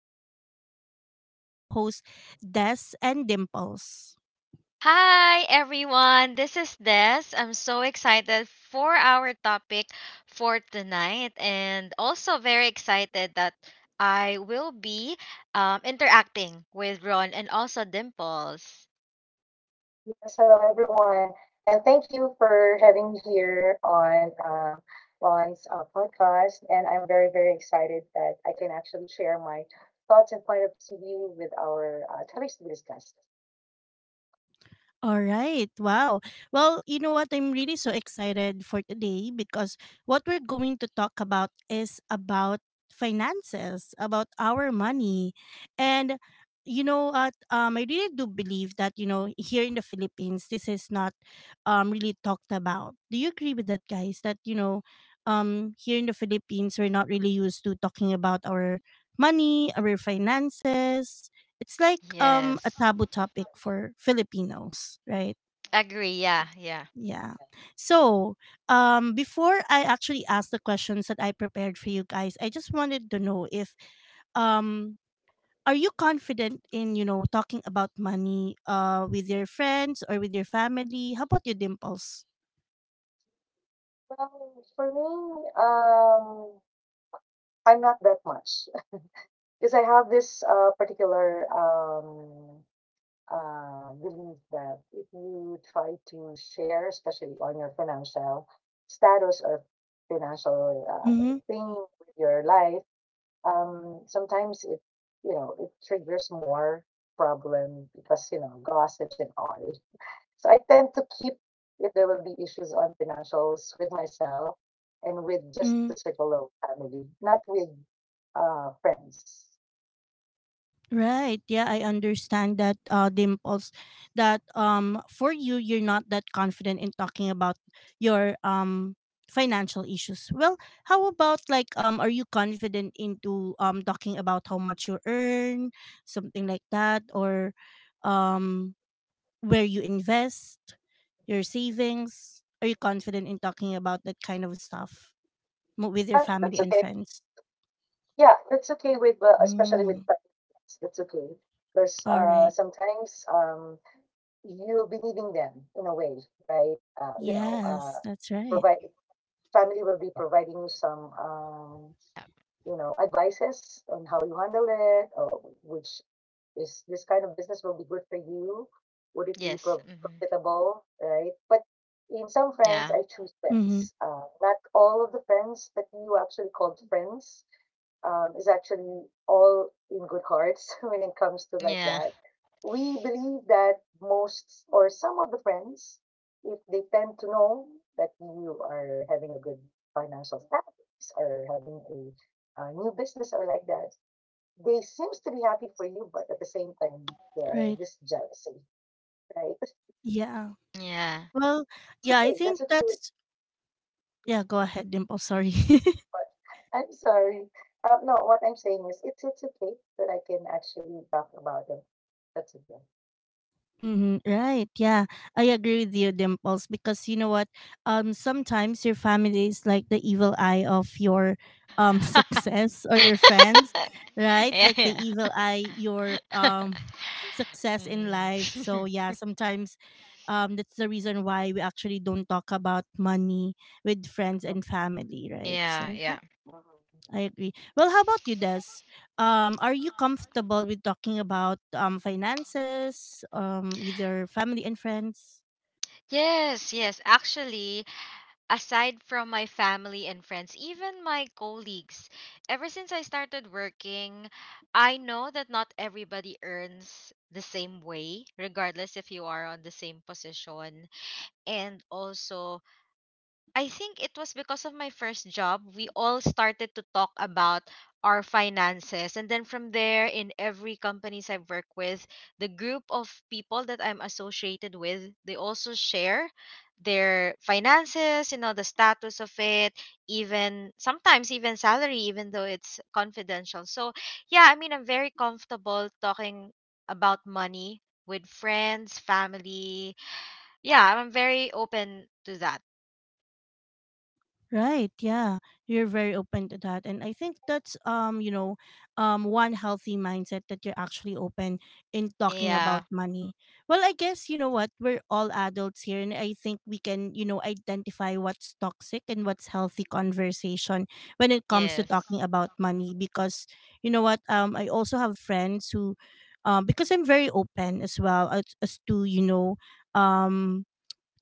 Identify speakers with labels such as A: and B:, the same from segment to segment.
A: and I have here my co hosts, Des and Dimples.
B: Hi everyone, this is Des. I'm so excited for our topic for tonight and also very excited that I will be interacting with Ron and also Dimples.
C: Yes, hello everyone, and thank you for having me here on Lon's podcast. And I'm very, very excited that I can actually share my thoughts and point of view with our topics to be discussed.
A: All right. Wow. Well, you know what? I'm really so excited for today because what we're going to talk about is about finances, about our money. And you know what? I really do believe here in the Philippines, this is not really talked about. Do you agree with that, guys? Here in the Philippines we're not really used to talking about our money, our finances. It's like a
B: Yes.
A: taboo topic for Filipinos, right?
B: Agree, yeah, yeah.
A: Yeah. So, before I actually ask the questions that I prepared for you guys, I just wanted to know if um are you confident in, talking about money with your friends or with your family? How about your dimples?
C: Well, for me, I'm not that much because I have this particular believe that if you try to share, especially on your financial status or financial
A: Mhm.
C: thing with your life, sometimes it triggers more problem because, gossips and all. So I tend to keep, if there will be issues on financials with myself and with just the circle of family, not with friends.
A: Right. Yeah, I understand that dimples that for you you're not that confident in talking about your financial issues. Well, how about like are you confident into talking about how much you earn, something like that, or um where you invest, your savings? Are you confident in talking about that kind of stuff with your
C: But
A: family
C: that's
A: and
C: okay.
A: friends?
C: Yeah, that's okay with, especially with
A: Mm,
C: families. That's okay because
A: all right.
C: sometimes you'll be needing them in a way, right?
A: Yes, that's right.
C: Provide family will be providing you some,
B: Yeah.
C: advices on how you handle it, or which is this kind of business will be good for you? Would it be
B: Yes. Hmm.
C: profitable, right? But in some
B: Yeah.
C: friends, I choose
A: Mhm.
C: friends. Not all of the friends that you actually called friends is actually all in good hearts when it comes to like
B: Yeah.
C: that. We believe that most or some of the friends, if they tend to know that you are having a good financial status or having a new business or like that, they seems to be happy for you, but at the same time, they're
A: Right.
C: this jealousy, right?
A: Yeah.
B: Yeah.
A: Well,
C: It's
A: yeah, I
C: okay. That's
A: think
C: okay.
A: that's yeah, go ahead, Dimple. Sorry.
C: But I'm sorry. No, what I'm saying is it's okay that I can actually talk about it. That's okay.
A: Hmm. Right. Yeah. I agree with you, Dimples, because you know what? Sometimes your family is like the evil eye of your success or your friends, right?
B: Yeah,
A: Like the
B: yeah.
A: evil eye your success in
B: Mm.
A: life. So yeah, sometimes that's the reason why we actually don't talk about money with friends and family, right?
B: Yeah,
A: So
B: yeah.
C: Mm.
A: I agree. Well, how about you, Des? Are you comfortable with talking about finances with your family and friends?
B: Yes, yes. Actually, aside from my family and friends, even my colleagues, ever since I started working, I know that not everybody earns the same way, regardless if you are on the same position. And also, I think it was because of my first job. We all started to talk about our finances. And then from there, in every companies I've worked with, the group of people that I'm associated with, they also share their finances, you know, the status of it, even sometimes even salary, even though it's confidential. So, yeah, I mean, I'm very comfortable talking about money with friends, family. Yeah, I'm very open to that.
A: Right, yeah. You're very open to that. And I think that's you know, one healthy mindset that you're actually open in talking about
B: Yeah.
A: money. Well, I guess you know what, we're all adults here and I think we can, you know, identify what's toxic and what's healthy conversation when it comes to
B: Yes.
A: talking about money because you know what, I also have friends who because I'm very open as well as to, you know, um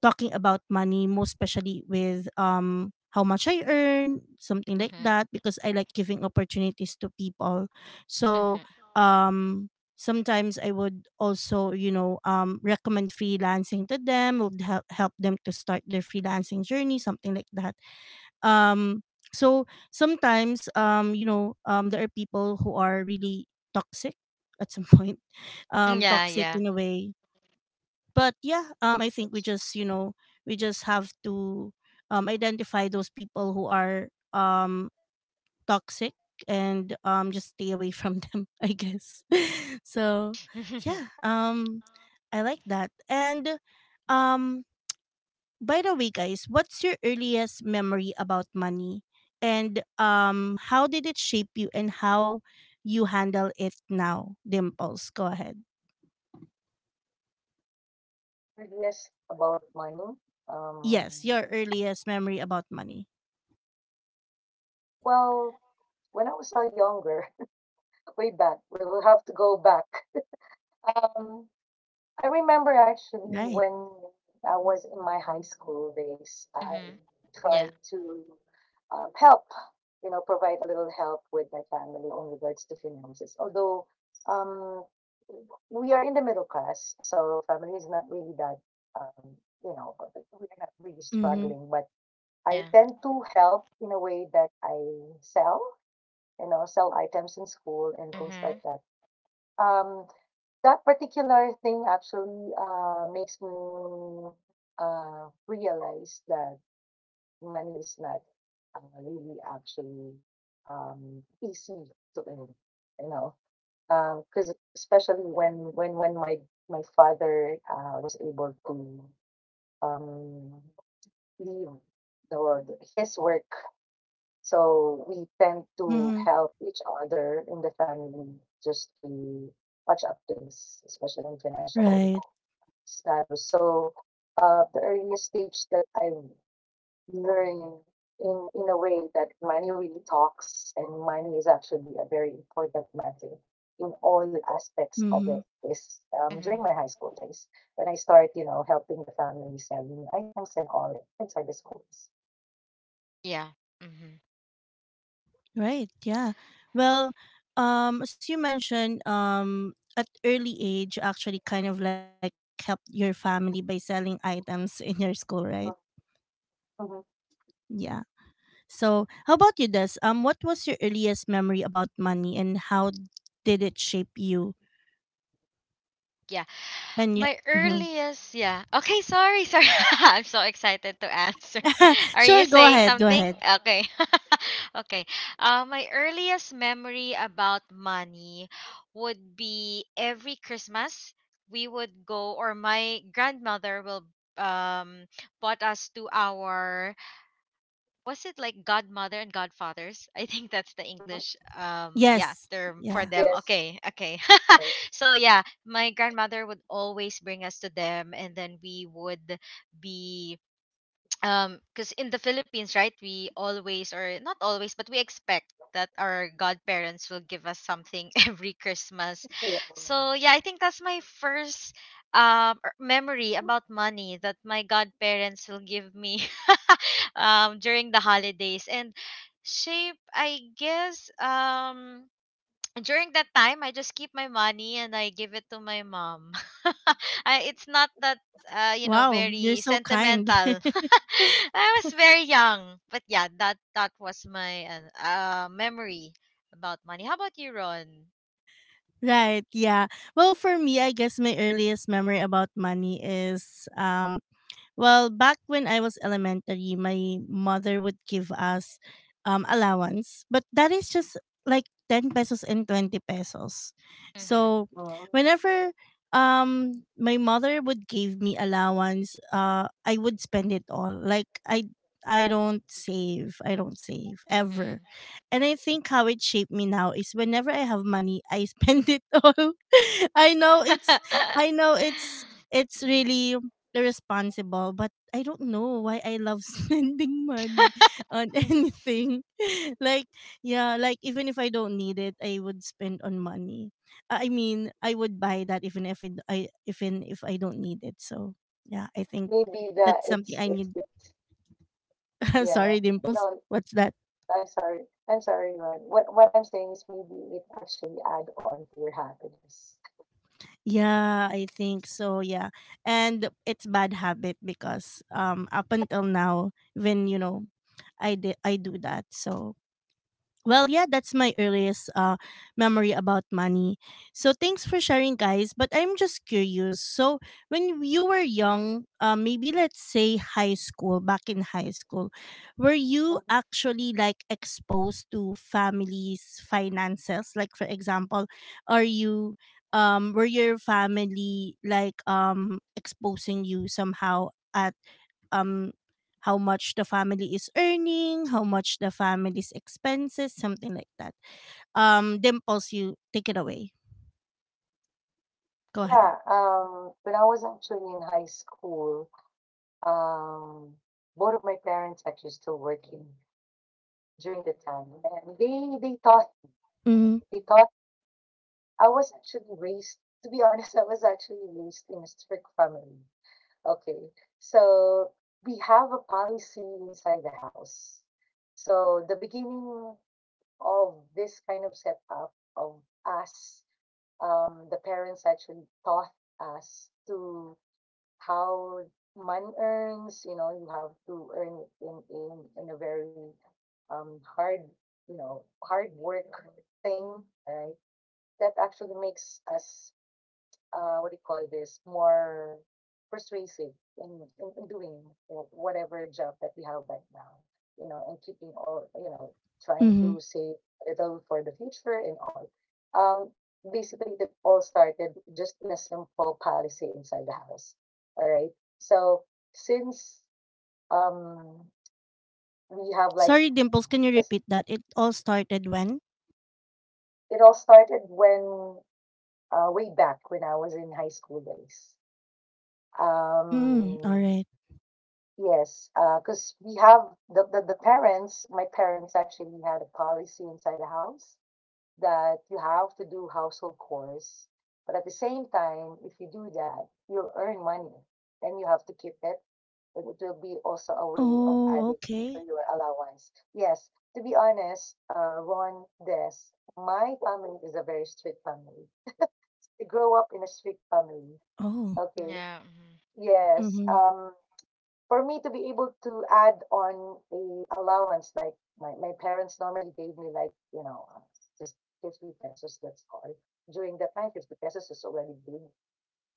A: talking about money, most especially with how much I earn, something like
B: Mhm.
A: that, because I like giving opportunities to people. So
B: Mhm.
A: um sometimes I would also, you know, recommend freelancing to them, would help them to start their freelancing journey, something like that. Um so sometimes you know there are people who are really toxic at some point,
B: Yeah,
A: toxic
B: yeah.
A: in a way, but yeah, I think we just, you know, we just have to identify those people who are um toxic and just stay away from them I guess so
B: Mhm.
A: yeah, I like that. And um by the way, guys, what's your earliest memory about money, and how did it shape you, and how you handle it now? Dimples, go ahead.
C: Curious about money?
A: Yes,
C: Um,
A: your earliest memory about money.
C: well, when I was younger, way back, we will have to go back. Um, I remember actually
A: Right.
C: when I was in my high school days, I
B: Mhm. Yeah,
C: tried to help, you know, provide a little help with my family on regards to finances. Although um, we are in the middle class, so family is not really that, um, you know, we are not really
A: Mm-hmm.
C: struggling, but I
B: yeah.
C: tend to help in a way that I sell, you know, sell items in school and things
B: Mhm.
C: like that. Um, that particular thing actually makes me realize that money is not really actually easy to earn, you know, because especially when my father was able to um, leave his work. So we tend to
A: Mm-hmm.
C: help each other in the family just to patch up things, especially in financial
A: Right.
C: status. So the earliest stage that I learned in a way that money really talks and money is actually a very important matter in all aspects of
A: Mm-hmm.
C: it is during
B: Mhm.
C: my high school days when I start, you know, helping the family selling items and all inside the schools.
B: Yeah. Mhm.
A: Right. Yeah. Well, as you mentioned, at early age, actually, kind of like helped your family by selling items in your school, right?
C: Mhm,
A: Yeah. So, how about you, Des? What was your earliest memory about money, and how did it shape you?
B: Yeah.
A: And you,
B: My
A: mm-hmm.
B: earliest, yeah. Okay, sorry, sorry. I'm so excited to answer. Are you
A: Sure, go
B: saying
A: ahead. Go
B: something?
A: ahead.
B: Okay. Okay. My earliest memory about money would be every Christmas we would go, or my grandmother will um bought us to our— was it like godmother and godfathers? I think that's the English,
C: mhm.
B: yeah,
A: Yes.
B: term for
A: Yeah.
B: them.
C: Yes,
B: Okay, okay.
C: yes.
B: So yeah, my grandmother would always bring us to them, and then we would be because in the Philippines, right, we always, or not always, but we expect that our godparents will give us something every Christmas.
C: Yeah.
B: So yeah, I think that's my first memory about money, that my godparents will give me during the holidays. And shape, I guess, during that time I just keep my money and I give it to my mom. I, it's not that you know,
A: Wow, you're
B: very
A: so kind.
B: sentimental. I was very young, but yeah, that that was my memory about money. How about you, Ron?
A: Right, yeah. Well, for me, I guess my earliest memory about money is well, back when I was elementary, my mother would give us allowance, but that is just like 10 pesos and 20 pesos.
B: Mhm.
A: So,
C: Mm.
A: whenever my mother would give me allowance, I would spend it all. Like, I don't save. I don't save ever.
B: Mhm.
A: And I think how it shaped me now is whenever I have money, I spend it all. I know it's I know it's
B: Mhm.
A: really responsible, but I don't know why I love spending money on
B: Mhm.
A: anything. Like, yeah, like even if I don't need it, I would spend on money. I mean, I would buy that even if it, I even if I don't need it. So, yeah, I think
C: Maybe that
A: that's something I need.
C: it's
A: I'm
C: yeah.
A: sorry, Dimples.
C: No,
A: What's that?
C: I'm sorry. I'm sorry, Ron. What I'm saying is maybe it actually add on to your happiness.
A: Yeah, I think so. Yeah, and it's bad habit because up until now, when you know, I do that. So well, yeah, that's my earliest memory about money. So thanks for sharing, guys. But I'm just curious. So when you were young, maybe let's say high school, back in high school, were you
C: Mhm.
A: actually like exposed to families' finances? Like for example, are you, were your family like exposing you somehow at um how much the family is earning, how much the family's expenses, something like that. Dimples, you take it away. Go
C: Yeah.
A: ahead.
C: Um, when I was actually in high school, um, both of my parents actually still working during the time, and
A: Mm-hmm.
C: they taught I was actually raised. To be honest, I was actually raised in a strict family. Okay. So we have a policy inside the house. So the beginning of this kind of setup of us, the parents actually taught us to how money earns. You know, you have to earn it in in a very hard, you know, hard work thing, right? That actually makes us what do you call this, more persuasive in, in doing whatever job that we have right now, you know, and keeping all, you know, trying
A: Mm-hmm.
C: to save a little for the future and all. Um, basically, it all started just in a simple policy inside the house. All right. So since um, we have like,
A: Sorry, Dimples, can you
C: it's-
A: repeat that? It all started when?
C: it all started when way back when I was in high school days.
A: Mm, all
C: Um,
A: right.
C: Yes, because we have the parents. My parents actually had a policy inside the house that you have to do household chores, but at the same time, if you do that, you'll earn money and you have to keep it, and it will be also a way of
A: Oh,
C: adding to
A: okay.
C: your allowance. Yes, to be honest, Ron, Des, my family is a very strict family. I grew up in a strict family.
A: Oh,
C: Okay.
B: Yeah. Mhm.
C: Yes.
A: mm-hmm.
C: For me to be able to add on a allowance like my parents normally gave me like, you know, just 50 pesos, that's all. During that time, 50 pesos is already big,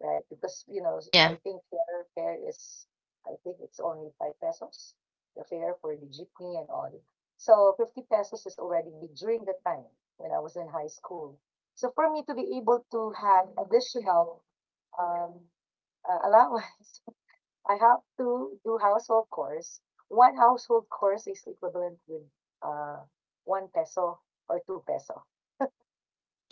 C: right? Because, you know, I
B: Yeah.
C: think fare is, I think it's only 5 pesos, the fare for the jeepney and all. So 50 pesos is already big during the time when I was in high school. So for me to be able to have additional um, allowance, I have to do household chores. One household chores is equivalent with uh, one peso or two peso.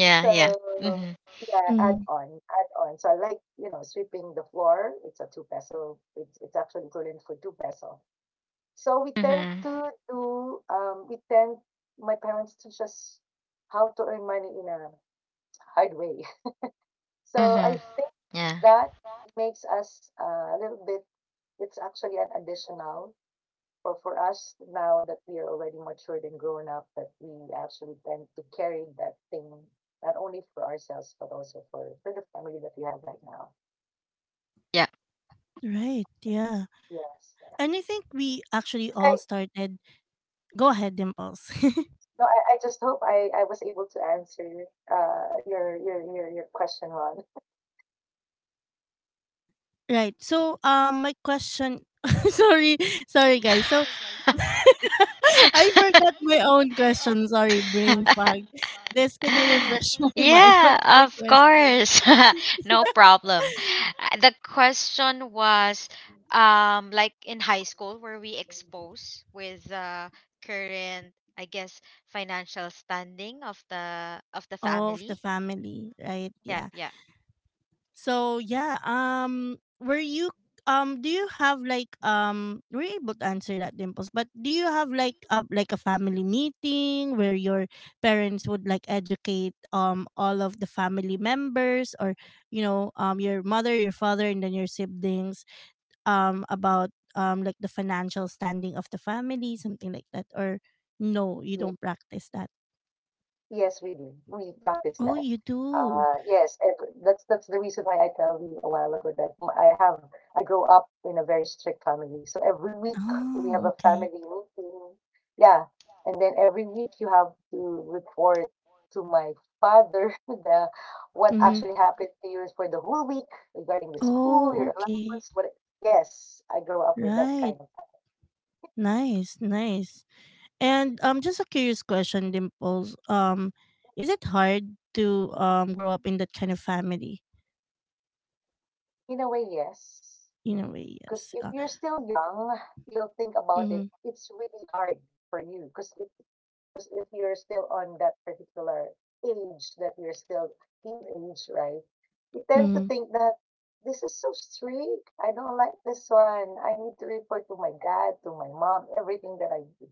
B: Yeah. Yeah.
C: So
B: Mhm.
C: yeah,
A: Mm-hmm.
C: add on, add on. So I like, you know, sweeping the floor. It's a two peso. It's actually equivalent for two peso. So we tend
B: Mhm.
C: to do. We tend my parents teach us how to earn money in a hard way. So I
B: Mhm.
C: think
B: Yeah.
C: that makes us a little bit. It's actually an additional. But for us now that we are already matured and grown up, that we actually tend to carry that thing not only for ourselves but also for the family that we have right now.
A: Right. Yeah.
C: Yes.
A: And I think we actually all
C: I
A: started. Go ahead, Dimples.
C: no, I just hope I was able to answer your your question, Ron.
A: Right. So, my question. Sorry, sorry, guys. So. I
B: Yeah.
A: forgot my own question. Sorry, brain fog. This, can you refresh my mind? What's my
B: Yeah, of
A: question?
B: course. No problem. The question was, like in high school, were we exposed with the current, I guess, financial standing of the
A: Oh, of the
B: family?
A: family, right? Yeah.
B: Yep, yep.
A: So yeah, were you do you have like were you able to answer that dimples? But do you have like a family meeting where your parents would like educate all of the family members or you know your mother, your father, and then your siblings about like the financial standing of the family, something like that? Or no, you
C: Yeah.
A: don't practice that.
C: Yes, we do. We practice
A: Oh,
C: that.
A: you do.
C: Yes, and that's the reason why I tell you a while ago that I have I grew up in a very strict family. So every week we have
A: Oh,
C: a family
A: okay.
C: meeting. Yeah, and then every week you have to report to my father the what
A: Mm-hmm.
C: actually
B: Mm-hmm.
C: happened to you for the whole week regarding the school,
A: Oh,
C: your
A: okay.
C: allowance, what. Yes, I grew up with that
A: Right.
C: kind of family.
A: Nice, nice.
C: It's-
A: And just a curious question, Dimples. Is it hard to grow up in that kind of family?
C: In a way, yes.
A: In a way,
C: Because
A: yes.
C: if you're still young, you'll think about
A: Mm-hmm.
C: it. It's really hard for you. Because if you're still on that particular age, that you're still teenage, right? You tend to
A: Mm-hmm.
C: think that this is so strict. I don't like this one. I need to report to my dad, to my mom, everything that I do.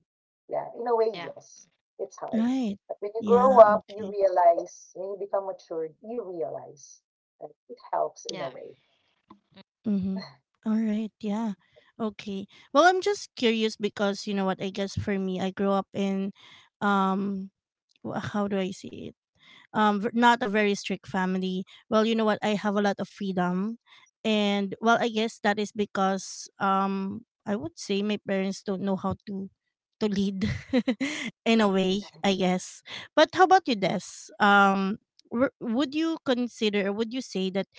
C: Yeah, in a way,
B: Yeah.
C: yes, it's hard.
A: Right.
C: But when you grow
A: Yeah.
C: up, you
A: Okay.
C: realize, when you become matured, you realize that it helps in a
B: Yeah.
C: way.
A: Mm-hmm. All right. Yeah. Okay. Well, I'm just curious because you know what? I guess for me, I grew up in, um, how do I say, not a very strict family. Well, you know what, I have a lot of freedom. And well, I guess that is because I would say my parents don't know how to lead in a way, I guess. But how about you, Des? um would you consider or would you say that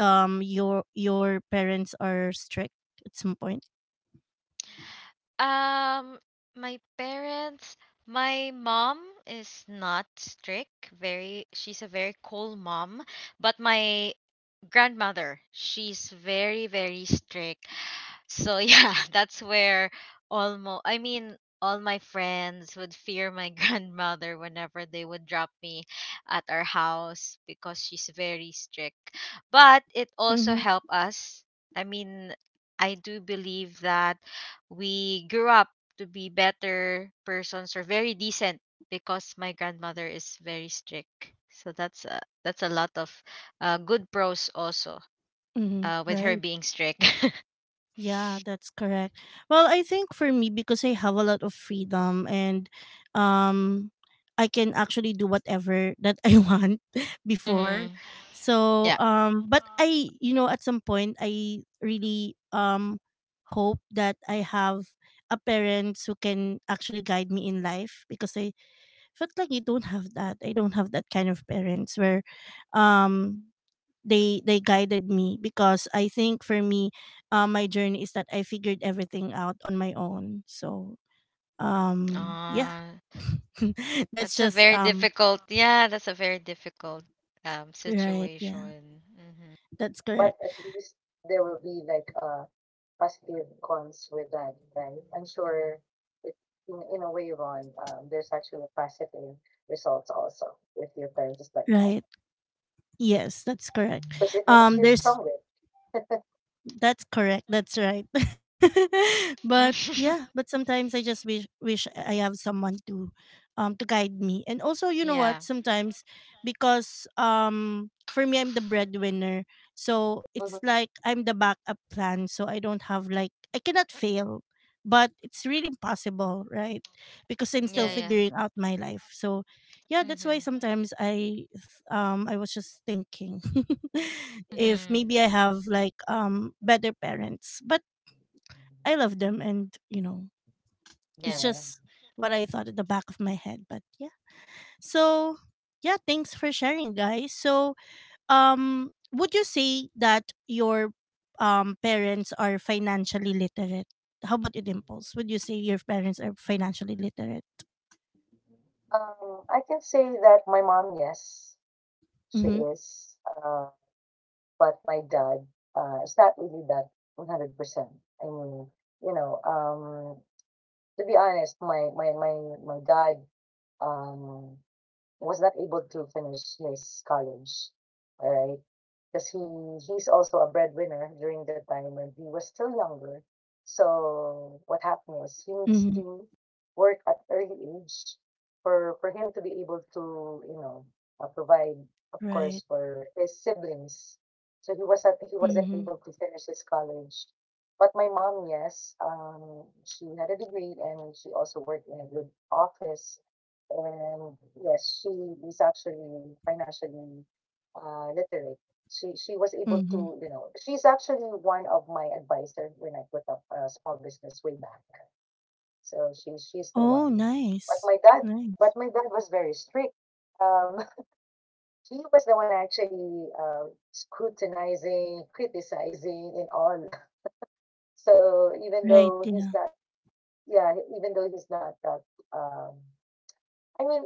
A: your parents are strict at some point?
B: Um my parents, my mom is not strict, very— she's a very cool mom, but my grandmother, she's very, very strict. So yeah, that's where almost, I mean, all my friends would fear my grandmother whenever they would drop me at our house, because she's very strict. But it also
A: Mm-hmm.
B: helped us. I mean, I do believe that we grew up to be better persons, or very decent, because my grandmother is very strict. So that's a lot of good pros also
A: Mm-hmm.
B: with
A: Right.
B: her being strict.
A: Yeah, that's correct. Well, I think for me because I have a lot of freedom and um I can actually do whatever that I want before.
B: Mhm.
A: So,
B: Yeah.
A: but I you know at some point I really hope that I have a parents who can actually guide me in life because I felt like I don't have that. I don't have that kind of parents where um they guided me because I think for me, my journey is that I figured everything out on my own. So yeah,
B: Uh,
A: that's
B: that's a
A: just
B: very difficult. Yeah, that's a very difficult
A: right, yeah,
B: situation. Mm-hmm.
A: that's correct.
C: But at least there will be like positive cons with that, right? I'm sure it, in a way, Ron, there's actually positive results also with your parents like that
A: Right, yes, that's correct.
C: because it makes you stronger.
A: There's that's correct. That's right. But yeah, but sometimes I just wish I have someone to guide me. And also, you know
B: Yeah.
A: what? Sometimes because for me I'm the breadwinner. So
C: Mhm.
A: it's like I'm the backup plan. So I don't have like I cannot fail. But it's really impossible, right? Because I'm still
B: Yeah. Yeah.
C: Yes.
A: figuring out my life. So yeah, that's why
B: Mm-hmm.
A: sometimes I was just thinking if
B: Mm-hmm.
A: maybe I have like better parents, but I
C: Mhm.
A: love them and you know,
B: Yeah.
A: it's
C: Yeah.
A: just what I thought at the back of my head, but yeah. So, yeah, thanks for sharing, guys. So, would you say that your parents are financially literate? How about your dimples? Would you say your parents are financially literate?
C: I can say that my mom, yes, she
A: Mhm.
C: is. Uh, but my dad, it's not really that 100%. I mean, you know, to be honest, my dad, um, was not able to finish his college, all right? Because he's also a breadwinner during the time when he was still younger. So what happened was he needs
A: Mhm.
C: to work at early age for him to be able to, you know, provide, of
A: Right.
C: course, for his siblings. So he wasn't
A: Mhm.
C: able to finish his college. But my mom, yes, she had a degree and she also worked in a good office. And yes, she is actually financially literate. She was able
A: Mhm.
C: to, you know, she's actually one of my advisor when I put up a small business way back. So she's the
A: Oh,
C: one. But
A: nice.
C: my dad,
A: Nice.
C: but my dad was very strict. Um, he was the one actually scrutinizing, criticizing, and all. So even
A: Right.
C: though he's
A: Yeah.
C: not, yeah, even though he's not that, um, I mean,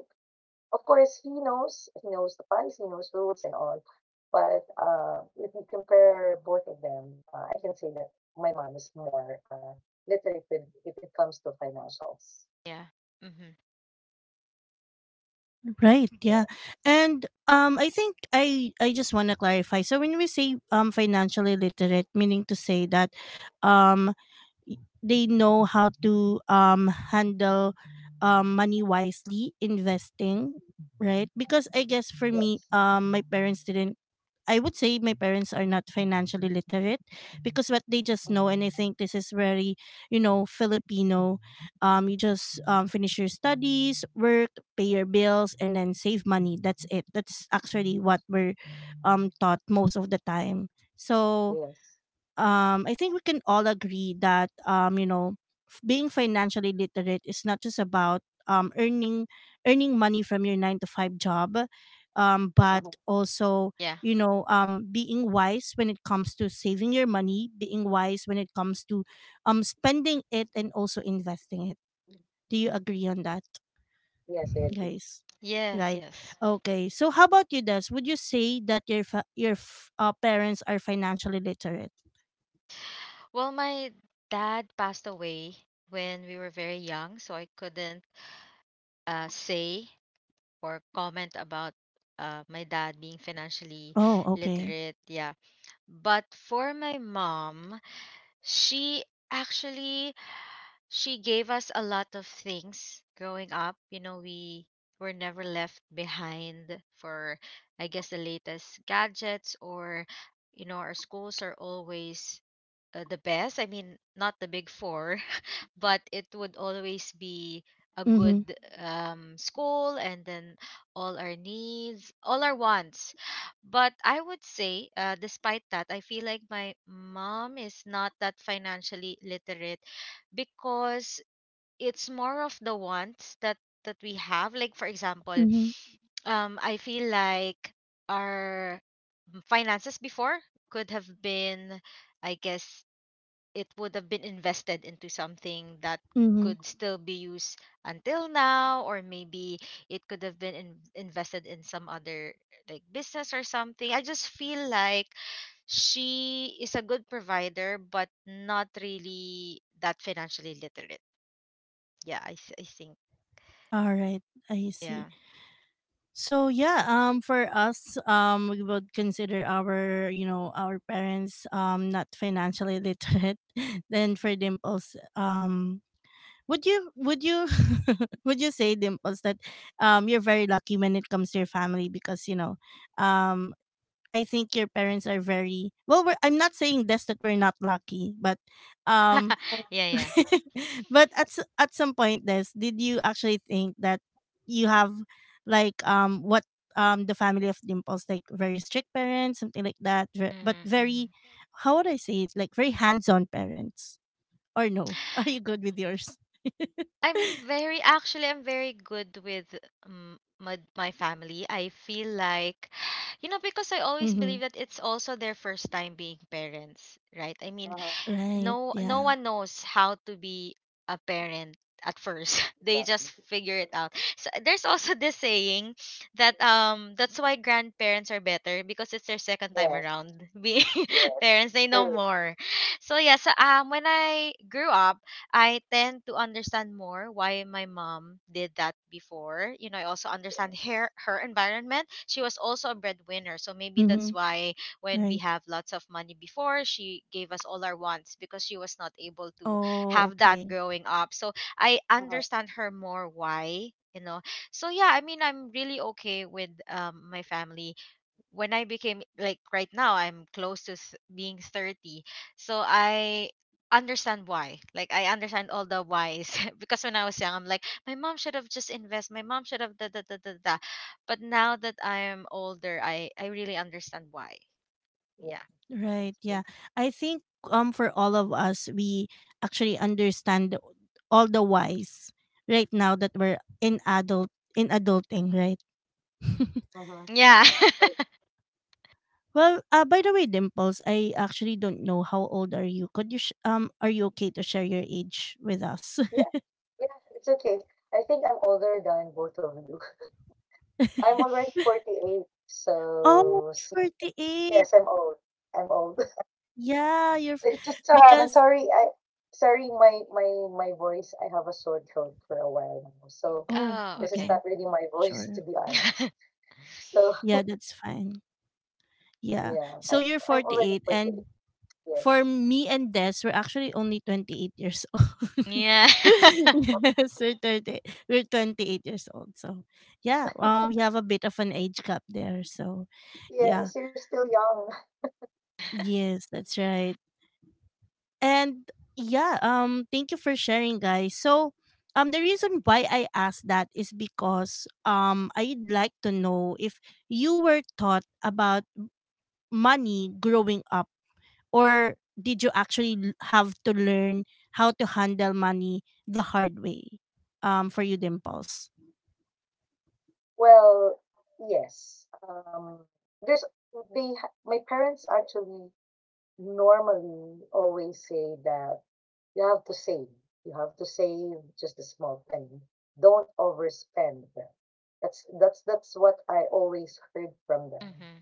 C: of course, he knows the policy, he knows rules and all. But if you compare both of them, I can say that my mom is more literate with, if it comes to financials.
B: Yeah. Mm-hmm.
A: Right. Yeah.
C: Yes,
A: And I think I just want to clarify. So when we say financially literate, meaning to say that um they know how to handle money wisely, investing, right? Because I guess for me,
C: yes,
A: my parents didn't. I would say my parents are not financially literate because what they just
C: uh-huh.
A: know, and I think this is very, you know, Filipino. You just finish your studies, work, pay your bills, and then save money. That's it. That's actually what we're taught most of the time. So
C: Yes,
A: I think we can all agree that you know, being financially literate is not just about um, earning earning money from your 9 to 5 job, but
C: uh-huh.
A: also,
B: Yeah.
A: you know, being wise when it comes to saving your money, being wise when it comes to spending it, and also investing it. Do you agree on that,
C: Yes, I agree.
A: guys?
B: Yes.
A: Right.
B: Yes.
A: Okay. So, how about you, Des? Would you say that your your parents are financially literate?
B: Well, my dad passed away when we were very young, so I couldn't say or comment about my dad being financially
A: Oh, okay.
B: literate. Yeah. But for my mom, she actually— she gave us a lot of things growing up. You know, we were never left behind for, I guess, the latest gadgets, or, you know, our schools are always the best. I mean, not the big four, but it would always be a good school, and then all our needs, all our wants. But I would say, despite that, I feel like my mom is not that financially literate, because it's more of the wants that we have. Like, for example,
A: Mm-hmm.
B: I feel like our finances before could have been, I guess, it would have been invested into something that
A: Mm-hmm.
B: could still be used until now, or maybe it could have been invested in some other, like, business or something. I just feel like she is a good provider but not really that financially literate. Yeah, I think.
A: All right, I see.
B: Yeah.
A: So yeah, for us, we would consider our, you know, our parents, not financially literate. Then for Dimples, would you would you say, Dimples, that, you're very lucky when it comes to your family, because, you know, um, I think your parents are very well. We're, I'm not saying this that we're not lucky, but, um,
B: Yeah, yeah.
A: but at at some point, this, did you actually think that you have like what the family of Dimples, like, very strict parents, something like that, but
B: Hmm. Hmm.
A: very, how would I say it, like very hands-on parents, or no? Are you good with yours?
B: I'm very— actually, I'm very good with my, my family. I feel like, you know, because I always
A: Mm-hmm.
B: believe that it's also their first time being parents, right? I mean,
C: Uh-huh.
A: Right,
B: no
A: yeah.
B: one knows how to be a parent at first. They
C: Exactly.
B: just figure it out. So there's also this saying that, that's why grandparents are better, because it's their second time
C: Yes,
B: around being
C: yes,
B: parents. They know
C: true.
B: more. So yeah, so when I grew up, I tend to understand more why my mom did that before. You know, I also understand
C: Yes,
B: her, her environment. She was also a breadwinner, so maybe that's
A: Mm-hmm.
B: why when we
A: Right.
B: have lots of money before, she gave us all our wants, because she was not able to
A: Oh,
B: have that
A: okay.
B: growing up. So I
C: uh-huh.
B: understand her more why, you know. So yeah, I mean, I'm really okay with my family. When I became— like, right now I'm close to being 30, so I understand why. Like, I understand all the whys, because when I was young, I'm like, my mom should have just invest, my mom should have da da da da da. But now that I am older, I really understand why.
C: Yeah.
B: Yeah.
A: Right.
C: That's
A: Yeah.
C: true.
A: I think for all of us, we actually understand all the whys right now that we're in adulting, right?
C: Uh-huh.
B: Yeah.
C: True.
A: Well, by the way, Dimples, I actually don't know, how old are you? Could you are you okay to share your age with us?
C: Yeah, yeah, it's okay. I think I'm older than both of you. I'm
B: Mhm.
C: already 48,
A: Oh,
C: so, so
A: 48.
C: yes, I'm old. I'm old.
A: Yeah, you're
C: So it just so happened.
A: because,
C: Sorry, I sorry my voice. I have a sore throat for a while now, so
A: oh,
B: Oh,
C: this is
B: okay.
A: okay.
C: not really my voice,
A: Sure.
C: to be honest. So
A: Yeah, that's fine. Yeah.
C: yeah,
A: So
C: I'm
A: you're
C: I'm already
A: 48, and
C: 48.
A: for
C: Yes,
A: me and Des, we're actually only 28 years old.
B: Yeah.
A: Yes, we're 30, we're 28 years old. So, yeah, we have a bit of an age gap there. So, yeah.
C: yes, you're still young.
A: Yes, that's right. And yeah, thank you for sharing, guys. So, the reason why I asked that is because I'd like to know if you were taught about money growing up, or did you actually have to learn how to handle money the hard way? For you, Dimples?
C: Well, yes. There's My parents actually normally always say that you have to save. You have to save just a small penny. Don't overspend. That's what I always heard from them.
B: Hmm.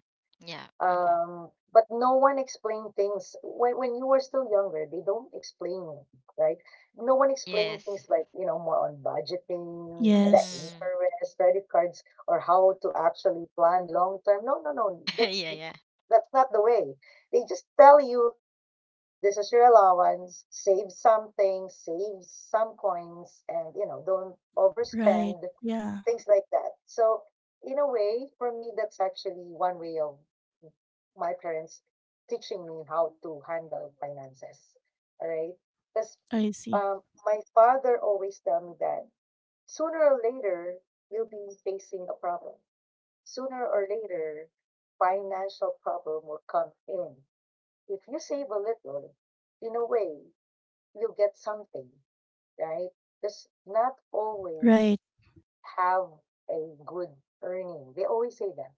B: Yeah. Hmm.
C: But no one explained things when you were still younger. They don't explain, it, right? No one explained
B: Yes.
C: things like more on budgeting, the
A: Yes.
B: Hmm.
C: interest, credit cards, or how to actually plan long term. No, no, no. That's
B: Yeah, yeah.
C: that's not the way. They just tell you this is your allowance, save something, save some coins, and don't
A: Right,
C: overspend,
A: yeah.
C: things like that. So in a way, for me that's actually one way of my parents teaching me how to handle finances. All right? Because
A: I see.
C: my father always tell me that sooner or later you'll be facing a problem, sooner or later financial problem will come in. If you save a little, in a way, you get something, right? Because not always
A: Right.
C: have a good earning. They always say that.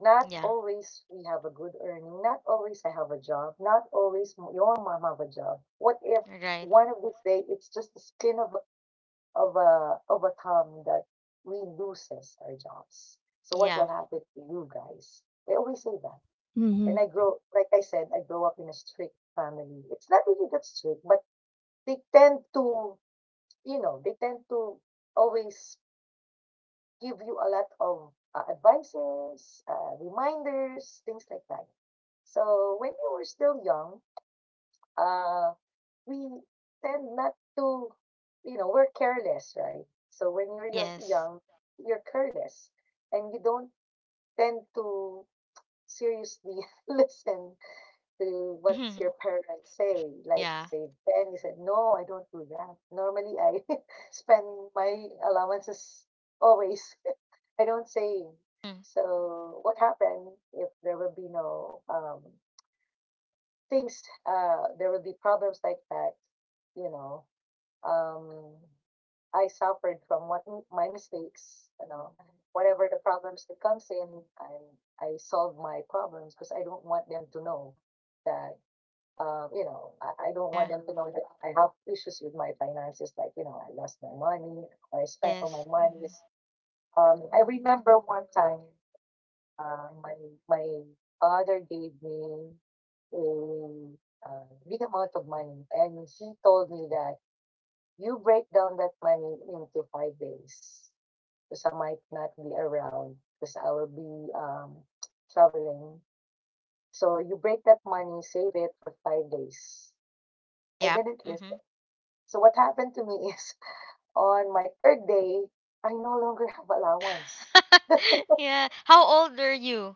C: Not
B: Yeah.
C: always we have a good earning. Not always I have a job. Not always your mom have a job. What if
B: Right.
C: one of these days it's just the skin of a thumb that we loses our jobs? So what
B: Yeah.
C: will happen to you guys? They always say that.
A: Mm-hmm.
C: And I grow, like I said, I grow up in a strict family. It's not really that strict, but they tend to, you know, they tend to always give you a lot of advices, reminders, things like that. So when you were still young, uh, we tend not to, we're careless, right? So when you're
B: Yes.
C: young, you're careless and you don't tend to seriously listen to what's your
B: Mhm.
C: parents say, like
B: Yeah.
C: say Ben, he said, no, I don't do that. Normally, I spend my allowances always. I don't save.
B: Mm.
C: So what happened if there will be no things, there will be problems like that, you know, um, I suffered from what my mistakes, whatever the problems that comes in, I solve my problems because I don't want them to know that you know, I don't want
B: Yeah.
C: them to know that I have issues with my finances, like, I lost my money, or I spent all
B: Yes.
C: my money.
B: Hmm.
C: I remember one time, uh, my my father gave me a big amount of money, and he told me that you break down that money into 5 days, because I might not be around, because I will be traveling. So you break that money, save it for 5 days. I
B: Yep.
C: didn't
B: Hmm.
C: listen. So what happened to me is on my third day, I no longer have allowance.
B: Yeah. How old were you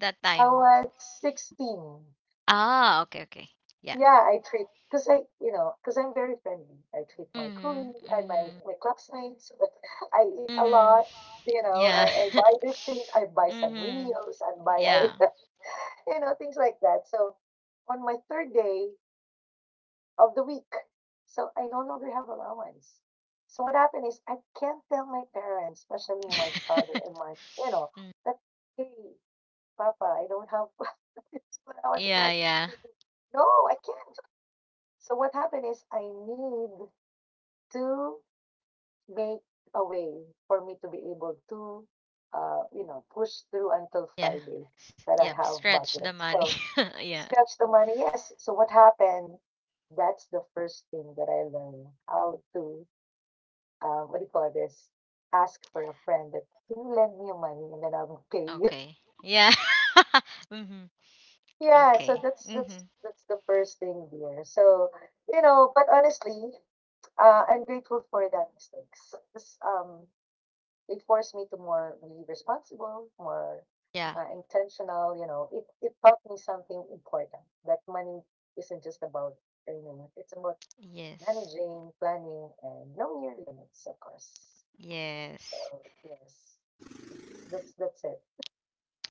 B: that
C: I
B: time?
C: was 16.
B: Ah, okay, okay. Yeah.
C: Yeah, I treat because I'm very friendly. I treat my
B: Mm-hmm.
C: colleagues, I my
B: Mm-hmm.
C: my classmates. I eat a
B: Mm-hmm.
C: lot. You know,
B: Yeah.
C: I, I buy these things. I buy
B: Mm-hmm.
C: Sanrios and
B: Yeah.
C: things like that. So on my third day, of the week. So I no longer have allowance. So what happened is I can't tell my parents, especially my father and
B: Mhm.
C: that, hey, Papa, I don't have allowance
B: Yeah,
C: anymore.
B: yeah,
C: No, I can't. So what happened is I need to make a way for me to be able to, push through until
B: yeah.
C: Friday that
B: Yep,
C: I have
B: stretch the
C: budget.
B: money.
C: So
B: Yeah.
C: scratch the money. Yes. So what happened? That's the first thing that I learned how to, what do you call this? Ask for a friend, that can you lend me your money and then I'll pay you.
B: Okay. Yeah. Mhm.
C: Yeah. So
B: Okay.
C: that's that's
B: Mhm.
C: that's the first thing there. So, but honestly, I'm grateful for that mistakes. 'Cause, it forced me to more be responsible, more
B: Yeah.
C: intentional. It taught me something important, that money isn't just about earning; it's about
B: Yes.
C: managing, planning, and knowing your limits, of course. So
B: Yes.
C: yes, it's, that's it.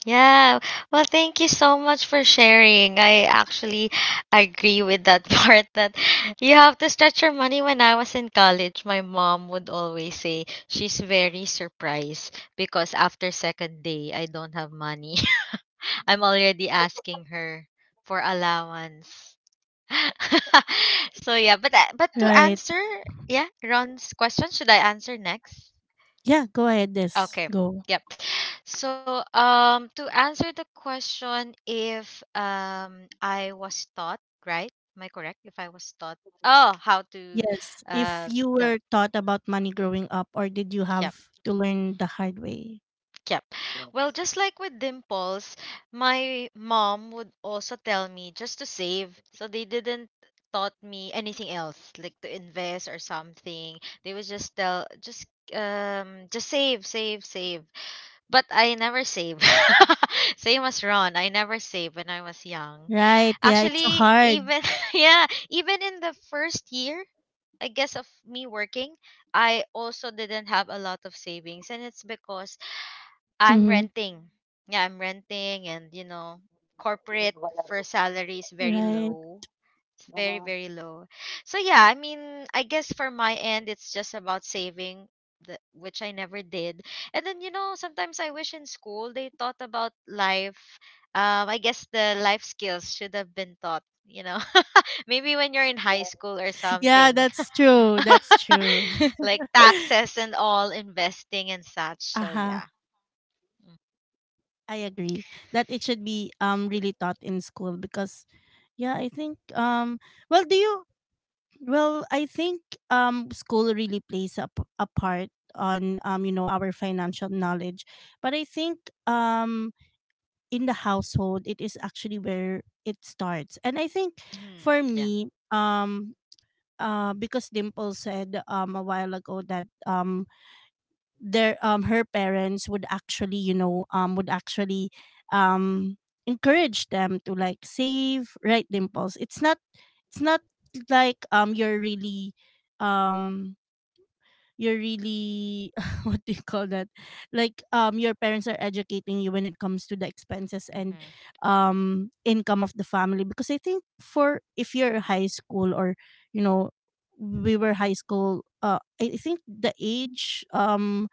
B: Yeah. Well, thank you so much for sharing. I actually agree with that part, that you have to stretch your money. When I was in college, my mom would always say she's very surprised, because after second day, I don't have money. I'm already asking her for allowance. So yeah, but to
A: Right,
B: answer, yeah, Ron's question, should I answer next?
A: yeah, go ahead. This
B: Okay.
A: Go.
B: Yep. So to answer the question, if I was taught, right? Am I correct? If I was taught,
C: Okay.
B: oh, how to—
A: Yes,
B: uh
A: if you
B: the—
A: were taught about money growing up, or did you
B: yeah.
A: have to learn the hard way?
B: Yep. Well,
C: Yes.
B: just like with Dimples, my mom would also tell me just to save. So they didn't taught me anything else, like to invest or something. They would just tell just, just save, save, save. But I never save. Same as Ron, I never saved when I was young.
A: Right, yeah, it's so
B: Actually,
A: hard.
B: even yeah, even in the first year, I guess, of me working, I also didn't have a lot of savings, and it's because I'm
A: Mm-hmm.
B: renting. Yeah, I'm renting, and you know,
C: We
B: corporate
C: have a lot of-
B: first salary
C: Yeah.
B: is very
A: Right.
B: low. It's very,
C: Uh-huh.
B: very low. So yeah, I mean, I guess for my end it's just about saving, the, which I never did. And then, you know, sometimes I wish in school they taught about life. I guess the life skills should have been taught, you know. Maybe when you're in high
C: Yes.
B: school or
A: Yeah,
B: something.
A: that's true, that's true.
B: Like taxes and all, investing and such. So
A: Uh-huh.
B: yeah.
A: I agree that it should be really taught in school, because yeah, I think well, do you, well I think school really plays a, a part on you know, our financial knowledge. But I think um in the household it is actually where it starts. And I think
B: Mhm.
A: for
B: Yeah.
A: me, because Dimple said a while ago that their her parents would actually, you know, would actually um encourage them to, like, save, right, Dimples? It's not, it's not like um you're really what do you call that, like your parents are educating you when it comes to the expenses and
B: Mm-hmm.
A: income of the family. Because I think for, if you're high school, or you know, we were high school, I think the age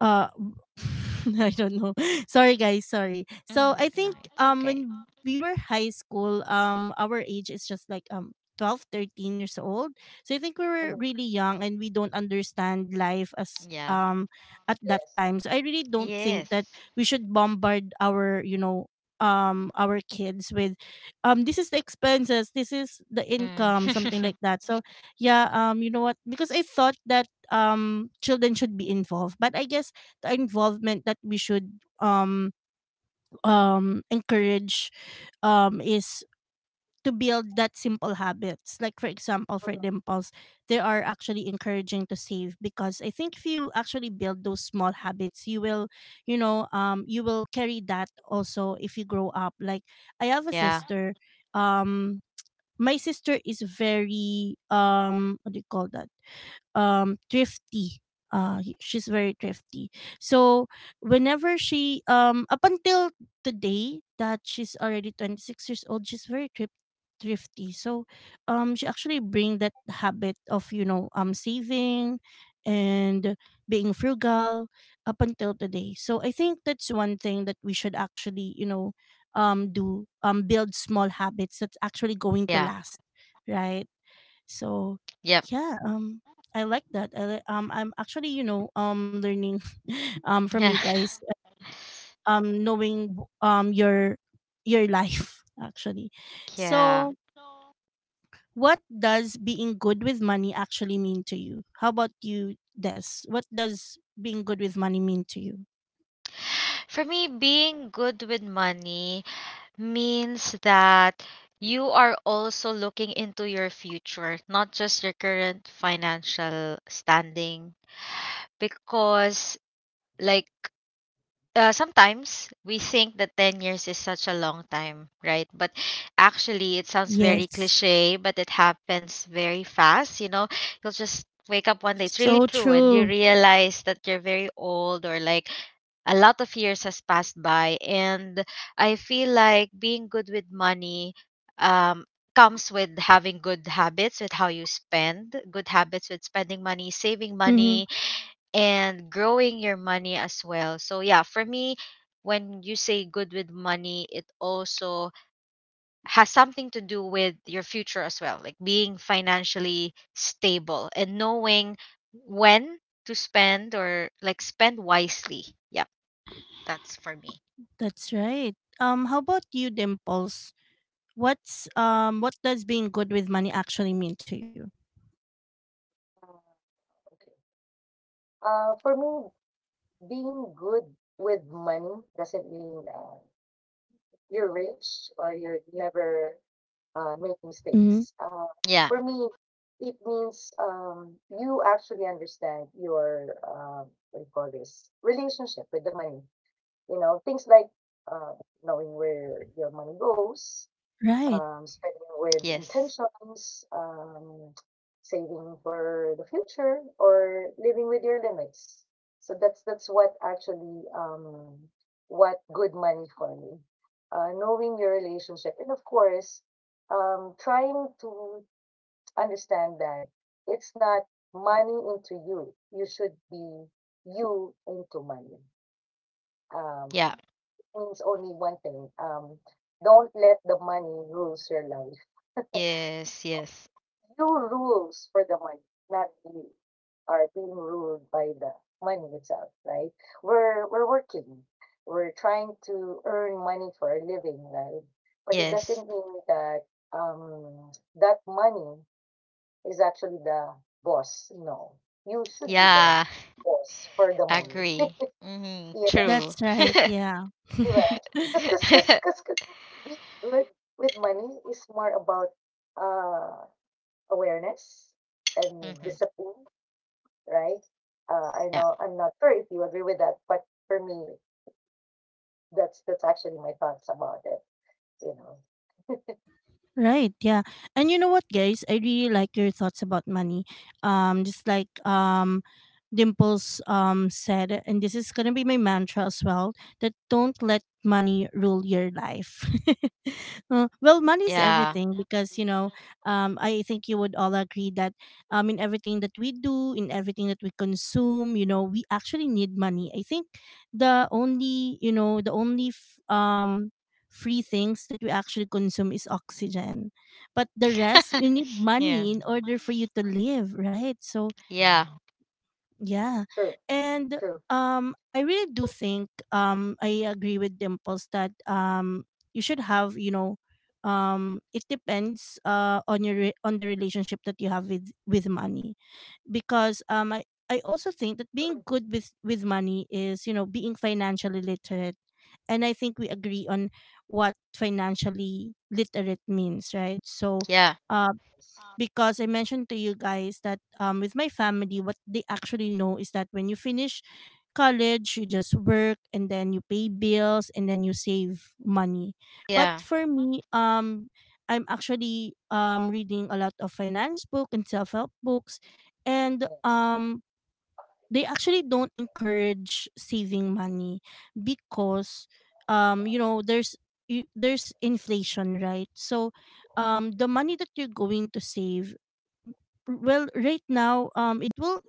A: uh I don't know. Sorry, guys, sorry. So
B: Mm,
A: I
B: no,
A: think
B: it's okay.
A: when we were high school, our age is just like 12, 13 years old. So I think we were
C: Uh-huh.
A: really young and we don't understand life as
B: Yeah.
A: at that
C: Yes.
A: time. So I really don't think
B: Yes.
A: that we should bombard our, you know, our kids with this is the expenses, this is the income, something
B: Mm.
A: like that. So yeah, you know what? Because I thought that children should be involved, but I guess the involvement that we should um encourage is to build that simple habits, like for example for
C: Uh-huh.
A: Dimples, they are actually encouraging to save, because I think if you actually build those small habits, you will, you know, you will carry that also if you grow up. Like I have a
B: Yeah.
A: sister, um my sister is very what do you call that, thrifty. She's very thrifty. So whenever she up until today that she's already 26 years old, she's very thrifty. So she actually bring that habit of, you know, saving and being frugal up until today. So I think that's one thing that we should actually, you know, do, build small habits that's actually going to
B: Yeah.
A: last, right? So
B: Yep.
A: yeah, I like that. I'm actually, you know, learning from you
B: Yeah.
A: guys, knowing um your your life actually.
B: Yeah.
A: So what does being good with money actually mean to you? How about you, Des? What does being good with money mean to you?
B: For me, being good with money means that you are also looking into your future, not just your current financial standing. Because, like, sometimes we think that 10 years is such a long time, right? But actually, it sounds very
A: Yes.
B: cliche, but it happens very fast. You know, you'll just wake up one day. It's really
A: So
B: true. And you
A: true.
B: realize that you're very old, or like a lot of years has passed by. And I feel like being good with money, um, comes with having good habits with how you spend, good habits with spending money, saving
A: Mm-hmm.
B: money, and growing your money as well. So yeah, for me, when you say good with money, it also has something to do with your future as well, like being financially stable and knowing when to spend, or like spend wisely. Yep, that's for me.
A: That's right. How about you, Dimples? What's what does being good with money actually mean to you?
C: Uh, okay. For me, being good with money doesn't mean you're rich or you're never make mistakes. Uh,
B: Yeah,
C: for me, it means you actually understand your, what do you call this, relationship with the money. Things like uh, knowing where your money goes,
A: Right.
C: spending with
B: yes.
C: intentions, saving for the future, or living with your limits. So that's what actually, what good money for me. Knowing your relationship, and of course, trying to understand that it's not money into you. You should be you into money. Um,
B: Yeah.
C: means only one thing. Don't let the money rules your life.
B: Yes, yes.
C: You rules for the money, not you are being ruled by the money itself, right? We're working. We're trying to earn money for a living, right? But it
B: Yes.
C: doesn't mean that that money is actually the boss. No. You should be the
B: Yeah,
C: boss for the money.
B: agree. Mhm,
C: Yes.
B: true.
A: That's right.
C: Yes,
A: Yeah.
C: di ba? 'Cause being good with money is more about uh awareness and
B: Mhm.
C: discipline, right? I
B: Yeah.
C: know I'm not sure if you agree with that, but for me, that's actually my thoughts about it. You know,
A: Right, yeah. And you know what, guys? I really like your thoughts about money. Just like Dimples said, and this is gonna be my mantra as well, that don't let money rule your life. Well, money's
B: Yeah.
A: everything, because, you know, I think you would all agree that in everything that we do, in everything that we consume, you know, we actually need money. I think the only, you know, the only free things that we actually consume is oxygen. But the rest, you need
B: Yeah.
A: money in order for you to live, right? So,
B: Yeah.
A: yeah.
C: True,
A: And
C: true.
A: I really do think, I agree with Dimples that, you should have, you know, it depends on your on the relationship that you have with money, because I also think that being good with money is, you know, being financially literate. And I think we agree on what financially literate means, right? So
B: Yeah.
C: Yes,
A: because I mentioned to you guys that with my family, what they actually know is that when you finish college, you just work and then you pay bills and then you save money.
B: Yeah.
A: But for me, I'm actually reading a lot of finance book and self-help books, and
C: yes,
A: they actually don't encourage saving money, because you know, there's inflation, right? So the money that you're going to save, well, right now it will,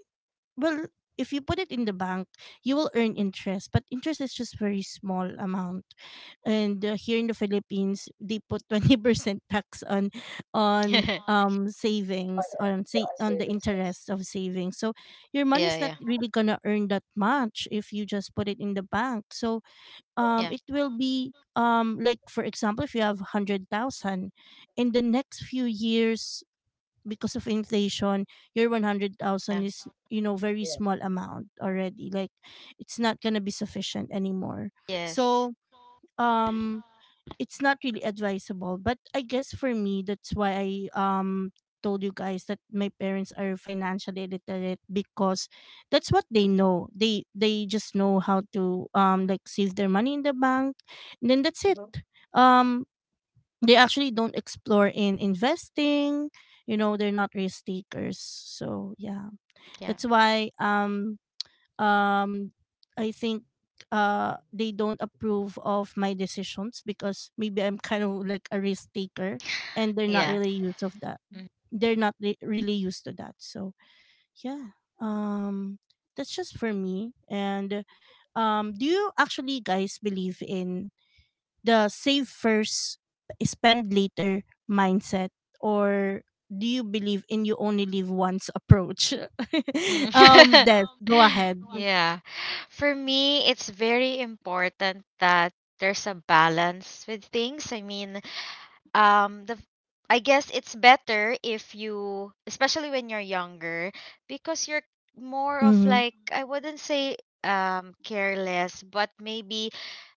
A: well, if you put it in the bank, you will earn interest, but interest is just very small amount. And here in the Philippines, they put 20% tax
B: Yeah.
A: on
C: oh
A: savings,
C: yeah,
A: on
C: yeah,
A: say
C: I
A: on
C: say
A: the
C: yes, yes,
A: interest of savings. So your money's not
B: Yeah.
A: really gonna earn that much if you just put it in the bank. So
B: Yeah.
A: it
C: yes,
A: will be like for example if you have 100,000 in the next few years, because of inflation, your
B: Yeah.
A: 100,000 is, you know, very
C: yes.
A: small amount already, like it's not going to be sufficient anymore.
B: Yes.
A: So um it's not really advisable, but I guess for me that's why I um told you guys that my parents are financially literate, because that's what they know. They just know how to like save their money in the bank, and then that's it.
C: Mhm.
A: um they actually don't explore in investing. You know, they're not risk takers. So yeah,
B: Yeah.
A: that's why um I think they don't approve of my decisions, because maybe I'm kind of like a risk taker, and they're not
B: Yeah.
A: really used of that. They're not really used to that. So yeah, that's just for me. And do you actually guys believe in the save first, spend later mindset? Or do you believe in you only live once approach?
B: Mhm.
A: Um, Des, go ahead.
B: Yeah. For me, it's very important that there's a balance with things. I mean, um the f- I guess it's better if you, especially when you're younger, because you're more of
A: Hmm.
B: like, I wouldn't say careless, but maybe,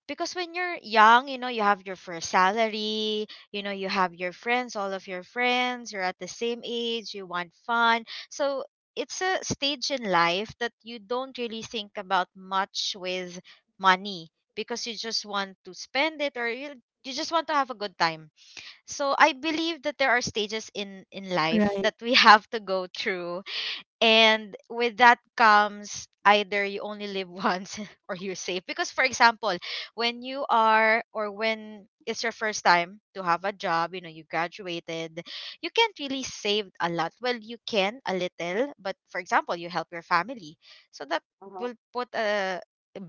B: because when you're young, you know, you have your first salary, you know, you have your friends, all of your friends, you're at the same age, you want fun. So it's a stage in life that you don't really think about much with money, because you just want to spend it, or you just want to have a good time. So I believe that there are stages in life
A: Right.
B: that we have to go through, and with that comes either you only live once or you're safe. Because, for example, when you are, or when it's your first time to have a job, you know, you graduated, you can't really save a lot. Well, you can a little, but for example, you help your family, so that
C: Uh-huh.
B: will put a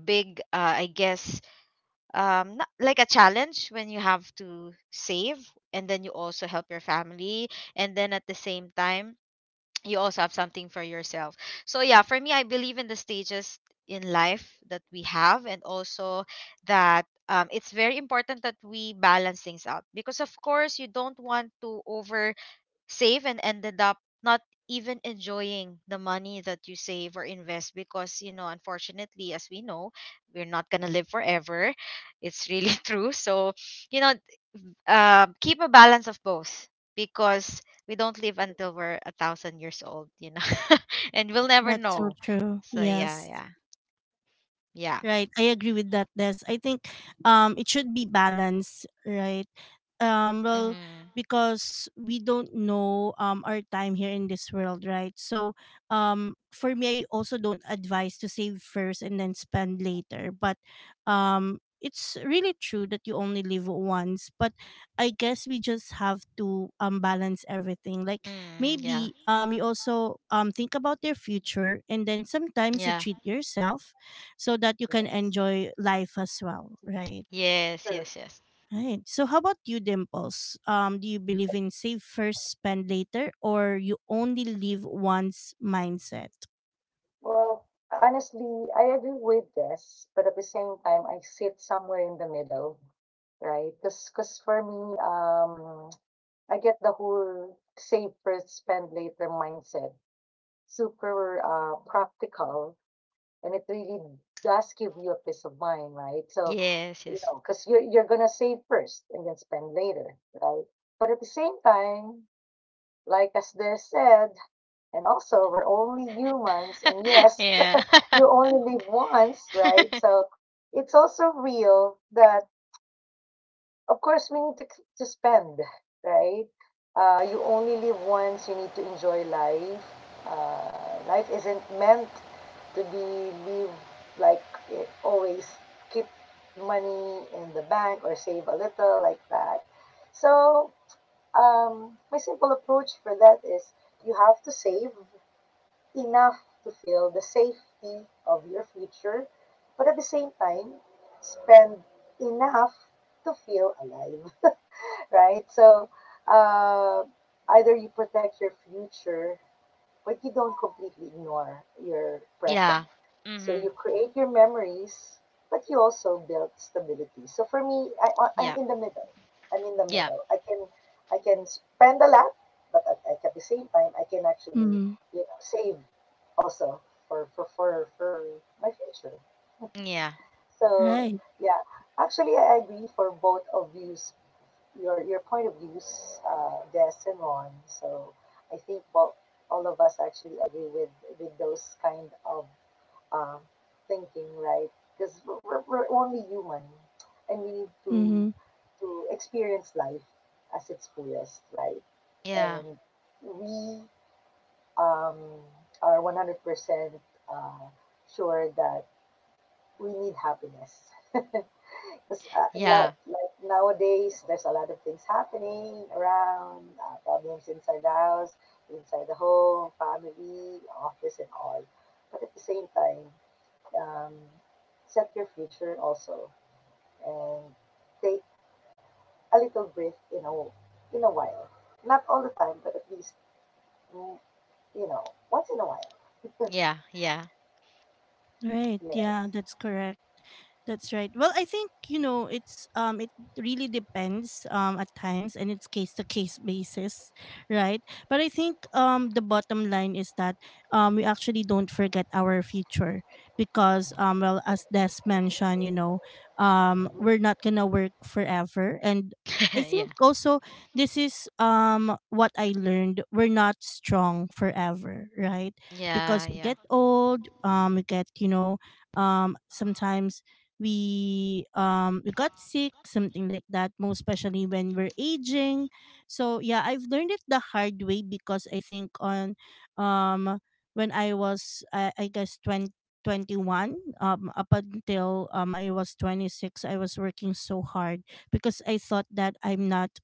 B: big I guess, not, like, a challenge when you have to save, and then you also help your family, and then at the same time you also have something for yourself. So yeah, for me, I believe in the stages in life that we have, and also that, it's very important that we balance things out, because of course you don't want to save and ended up not even enjoying the money that you save or invest, because, you know, unfortunately, as we know, we're not going to live forever. It's really true. So, you know, keep a balance of both, because we don't live until we're a thousand years old, you know, and we'll never
A: That's so
B: know.
A: true.
B: So yeah,
A: Yes.
B: yeah, yeah.
A: Right. I agree with that, Des. I think it should be balanced, right? Well,
B: Mm-hmm.
A: because we don't know our time here in this world, right? So for me I also don't advise to save first and then spend later. But it's really true that you only live once. But I guess we just have to balance everything. Like,
B: Mm, yeah.
A: maybe you also think about your future and then sometimes you
B: Yeah.
A: treat yourself, so that you can
C: Yes.
A: enjoy life as well, right?
B: Yes,
C: True.
B: yes, yes.
A: Right. So how about you, Dimples? Do you believe in save first, spend later, or you only live once mindset?
C: Well, honestly, I agree with this, but at the same time, I sit somewhere in the middle, right? Because for me, I get the whole save first, spend later mindset. Super practical, and it really does give you a peace of mind, right? So,
B: Yes. Yes.
C: because you're going to save first and then spend later, right? But at the same time, like as they said, and also we're only humans, and yes,
B: Yeah.
C: you only live once, right? So it's also real that of course, we need to spend, right? You only live once. You need to enjoy life. Life isn't meant to be lived like always keep money in the bank or save a little like that. So, my simple approach for that is you have to save enough to feel the safety of your future, but at the same time, spend enough to feel alive, right? So uh, either you protect your future, but you don't completely ignore your present.
B: Yeah.
C: So
B: Mhm.
C: you create your memories, but you also build stability. So for me, I'm
B: Yeah.
C: in the middle. I'm in the
B: Yeah.
C: middle. I can spend a lot, but at the same time, I can actually
A: Mm-hmm.
C: save also for my future.
B: Yeah.
C: So
A: Right.
C: yeah, actually, I agree for both of you, your point of views, Des and Ron. So I think, well, all of us actually agree with those kind of uh, thinking, right? Because we're only human, and we need to
A: Mm-hmm.
C: to experience life as its fullest, right?
B: Yeah.
C: And we um, are 100% uh, sure that we need happiness. Because a
B: Yeah.
C: lot, like nowadays, there's a lot of things happening around, problems inside the house, inside the home, family, office, and all. But at the same time, um, set your future also, and take a little breath, you know, in a while. Not all the time, but at least, mm, once in a while.
B: Yeah. Yeah.
A: Right.
C: Yes.
A: Yeah, that's correct. That's right. Well, I think you know it's it really depends at times, and it's case to case basis, right? But I think the bottom line is that we actually don't forget our future because well, as Des mentioned, we're not going to work forever. And I
B: Yeah.
A: think also this is what I learned, we're not strong forever, right?
B: Yeah.
A: Because we
B: Yeah.
A: get old, we get, sometimes we got sick, something like that, most especially when we're aging. So yeah, I've learned it the hard way because I think on um when I was I guess 20, 21 up until I was 26. I was working so hard because I thought that I'm not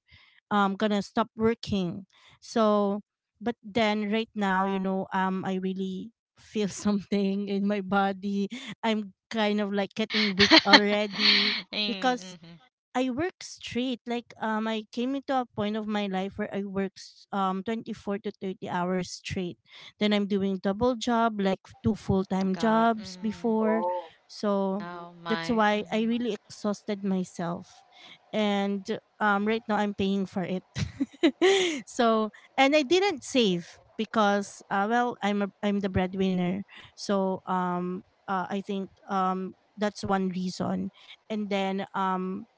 A: gonna stop working. So, but then right now, I really feel something in my body. I'm kind of like getting weak already because
B: Mm-hmm.
A: I work straight. Like I came into a point of my life where I work 24 to 30 hours straight. Then I'm doing double job, like two full time
B: God.
A: jobs
B: Mm.
A: before.
C: Oh,
A: So
C: mhm.
B: Oh
A: that's
B: my.
A: why
B: Mm-hmm.
A: I really exhausted myself, and right now I'm paying for it. So, and I didn't save because well, I'm the breadwinner. So I think that's one reason. And then um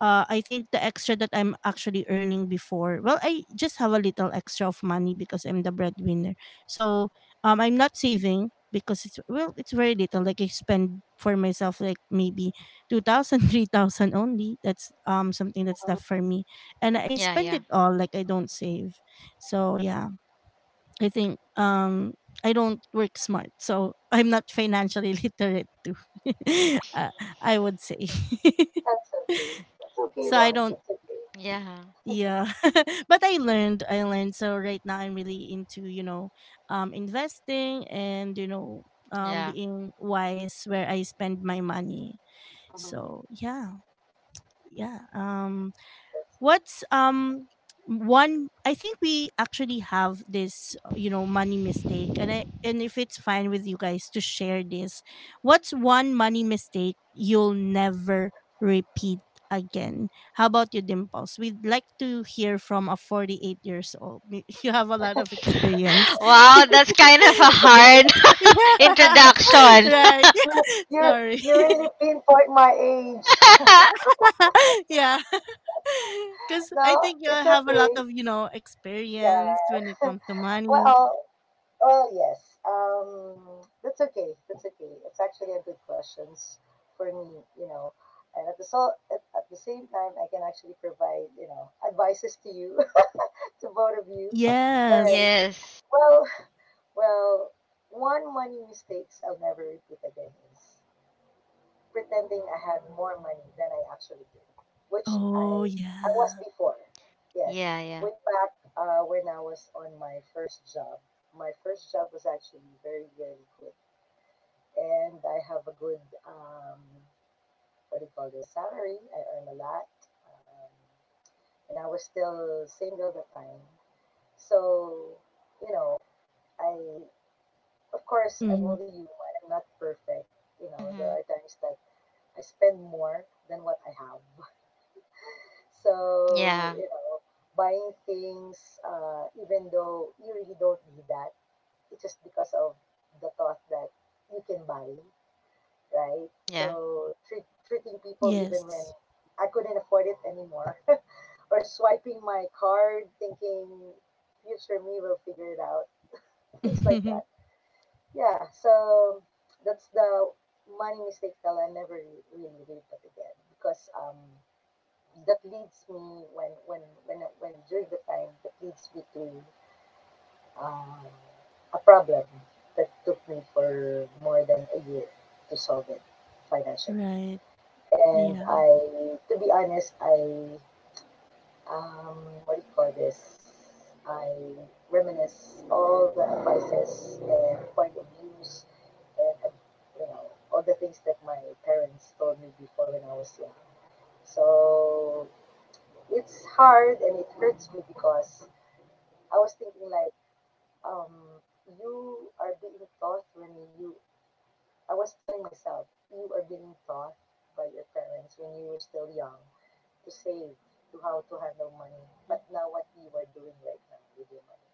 A: uh, I think the extra that I'm actually earning before, well, I just have a little extra of money because I'm the breadwinner. So I'm not saving because it's well, it's very little. Like I spend for myself, like maybe 2,000, 3,000 only. That's something that's left for me, and I
B: Yeah.
A: spend
B: Yeah.
A: it all. Like I don't save. So yeah, I think I don't work smart, so I'm not financially literate too. uh, I would say.
C: That's okay. That's
A: So
C: okay,
A: I don't,
C: Ron. That's okay.
B: Yeah.
A: yeah. But I learned. So right now I'm really into, investing, and
B: Yeah.
A: being wise where I spend my money.
C: Mm-hmm.
A: So yeah, yeah. What's one? I think we actually have this money mistake, and if it's fine with you guys to share this, what's one money mistake you'll never repeat again? How about you, Dimples? We'd like to hear from a 48 years old. You have a lot of experience. Yeah.
B: Wow, that's kind of a hard introduction.
A: Right.
C: You you
A: Sorry.
C: you really pinpoint my age.
A: Yeah. Because I
C: No,
A: think you
C: it's
A: have a lot
C: okay.
A: of,
C: Yeah.
A: experience when it comes to money.
C: Well, well, yes. That's okay. That's okay. It's actually a good questions for me. And at the so at the same time, I can actually provide, advices to you, to both of you. All right.
A: Yes.
B: Yes.
C: Well, well, one money mistakes I'll never repeat again is pretending I had more money than I actually did, which
A: Oh,
C: I was
A: yeah.
C: before. Yes,
B: Yeah. Yeah.
C: way back when I was on my first job. My first job was actually very very good, and I have a good um, what do you call this salary. I earn a lot, um, and I was still single at the time. So you know, I of course I'm
A: Hmm.
C: only human. I'm not perfect. There are
B: Mhm.
C: times that I spend more than what I have. So,
B: Yeah.
C: buying things, even though you really don't need that, it's just because of the thought that you can buy, right?
B: Yeah.
C: So, treating people even when
A: Yes.
C: I couldn't afford it anymore, or swiping my card thinking future me will figure it out, things like that. Yeah, so that's the money mistake that I never really repeat again because that leads me when during the time that leads me to um, a problem that took me for more than a year to solve it financially.
A: Right.
C: And
A: Yeah.
C: I, to be honest, I um, what do you call this? I reminisce all the advices and point of views and you know all the things that my parents told me before when I was young. So it's hard and it hurts me because I was thinking like, um, you are being taught, I was telling myself, you are being taught by your parents when you were still young to save, to how to handle money. But now what you are doing right now with your money.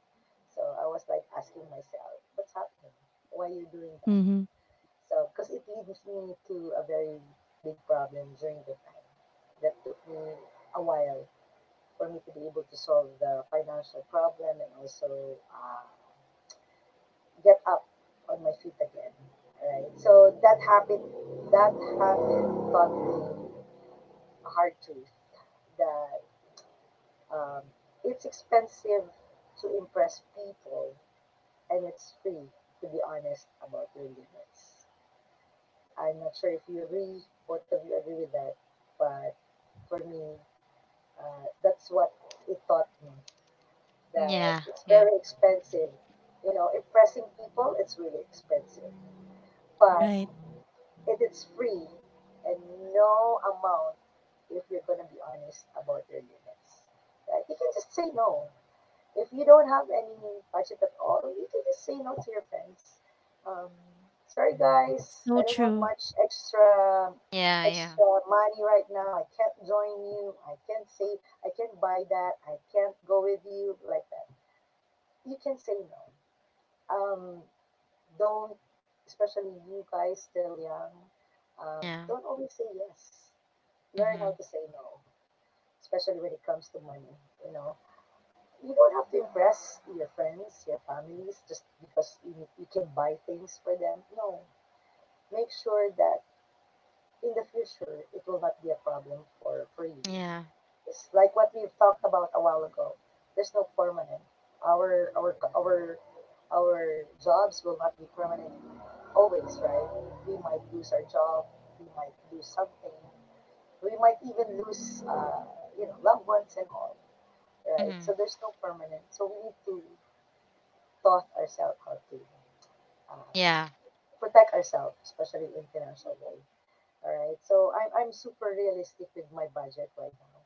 C: So I was like asking myself, what's happening? Why are you doing that?
A: Hmm.
C: So, because it leads me to a very big problem during the time that took me a while for me to be able to solve the financial problem and also get up on my feet again. Right. So that habit taught me a hard truth that um, it's expensive to impress people and it's free to be honest about your limits. I'm not sure if you agree, both of you agree with that, but for me, that's what it taught me that
B: Yeah.
C: it's
B: Yeah.
C: very expensive. You know, impressing people, it's really expensive. But
A: Right.
C: if it's free and no amount, if you're going to be honest about your limits, right? You can just say no. If you don't have any budget at all, you can just say no to your friends. Um, sorry guys,
A: So
C: I don't have
A: true.
C: much
B: Yeah. Yeah.
C: extra money right now. I can't join you. I can't say I can't buy that. I can't go with you like that you can say no. Um, don't, especially you guys still young,
B: Yeah.
C: don't always say yes. Learn how
B: Mhm.
C: to say no, especially when it comes to money. You know, you don't have to impress your friends, your families, just because you can buy things for them. No, make sure that in the future it will not be a problem for you.
B: Yeah.
C: It's like what we've talked about a while ago. There's no permanent. Our our our our jobs will not be permanent always, right? We might lose our job. We might lose something. We might even lose, you know, loved ones and all, right? So
B: Mhm.
C: there's no permanent. So we need to taught ourselves how to uh,
B: Yeah.
C: protect ourselves, especially in financial way. All right. So I'm super realistic with my budget right now.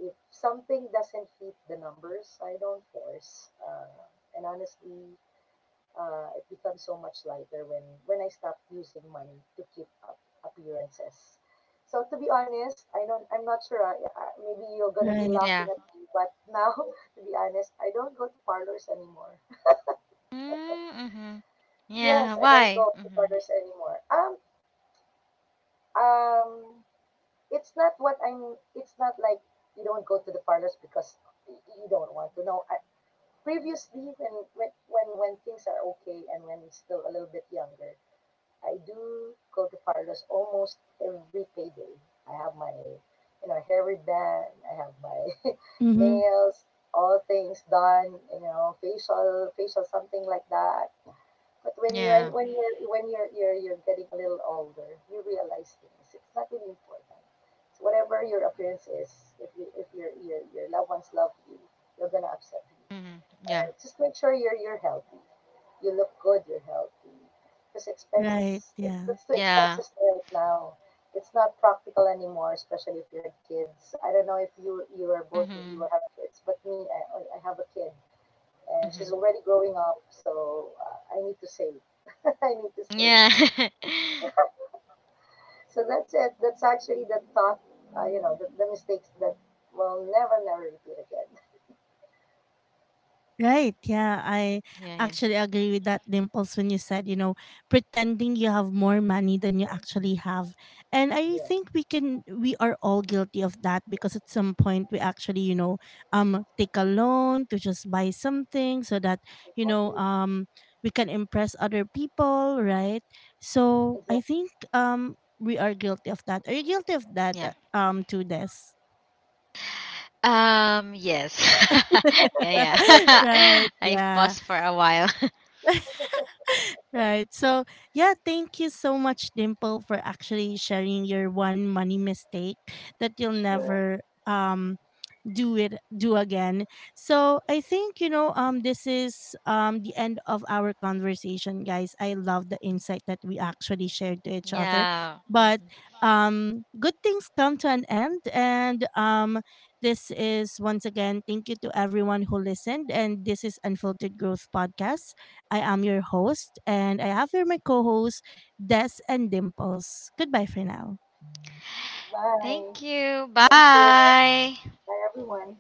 C: If something doesn't fit the numbers, I don't force. And honestly, it becomes so much lighter when I stop using money to keep up appearances. So to be honest, I don't. I'm not sure. I maybe you're gonna be
A: Right.
C: laughing
B: Yeah.
C: at me, but now, to be honest, I don't go to parlors anymore.
B: Mm-hmm.
C: Yes,
B: Yeah.
C: I don't
B: Why?
C: go to
B: Mm-hmm.
C: parlors anymore. Um, it's not what I'm. It's not like you don't go to the parlors because you don't want to. No, I, previously, when things are okay and when it's still a little bit younger, I do go to Farlo's almost every payday. I have my you know hair ribbon, I have my
A: Hmm.
C: nails, all things done, you know, facial something like that. But
B: Yeah.
C: when you're getting a little older, you realize things. It's not really important. So whatever your appearance is, if you if your your loved ones love you, you're gonna
B: Mm-hmm.
C: upset
B: Yeah.
C: you. Just make sure you're healthy. You look good, you're healthy. Because
A: Right.
C: expenses, it,
A: Yeah.
C: let's do
B: Yeah.
C: expenses right now. It's not practical anymore, especially if you had kids. I don't know if you or both of
B: Mm-hmm.
C: you have kids, but me, I have a kid, and
B: Mm-hmm.
C: she's already growing up, so I need to save. I need to save.
B: Yeah.
C: So that's it. That's actually the thought, you know, the mistakes that will never, never repeat again.
A: Right. Yeah, I
B: Yeah. Yeah.
A: actually agree with that, Dimples, when you said, pretending you have more money than you actually have. And I
C: Yes,
A: think we are all guilty of that because at some point we actually, take a loan to just buy something so that, you know,
C: exactly,
A: um, we can impress other people, right? So I
C: exactly.
A: think, we are guilty of that. Are you guilty of that,
B: Yeah.
A: to this?
B: Yes. Yeah. Yeah.
A: Right.
B: I
A: Yeah.
B: paused for a while.
A: Right. So, yeah, thank you so much, Dimple, for actually sharing your one money mistake that you'll
C: Sure.
A: never um do again. So I think, this is the end of our conversation, guys. I love the insight that we actually shared to each other.
B: Yeah.
A: But
B: Mm-hmm.
A: good things come to an end, and this is, once again, thank you to everyone who listened, and this is Unfiltered Growth Podcast. I am your host, and I have here my co-hosts Des and Dimples. Goodbye for now.
B: Thank
C: Bye.
B: you.
C: Thank you.
B: Bye.
C: Bye everyone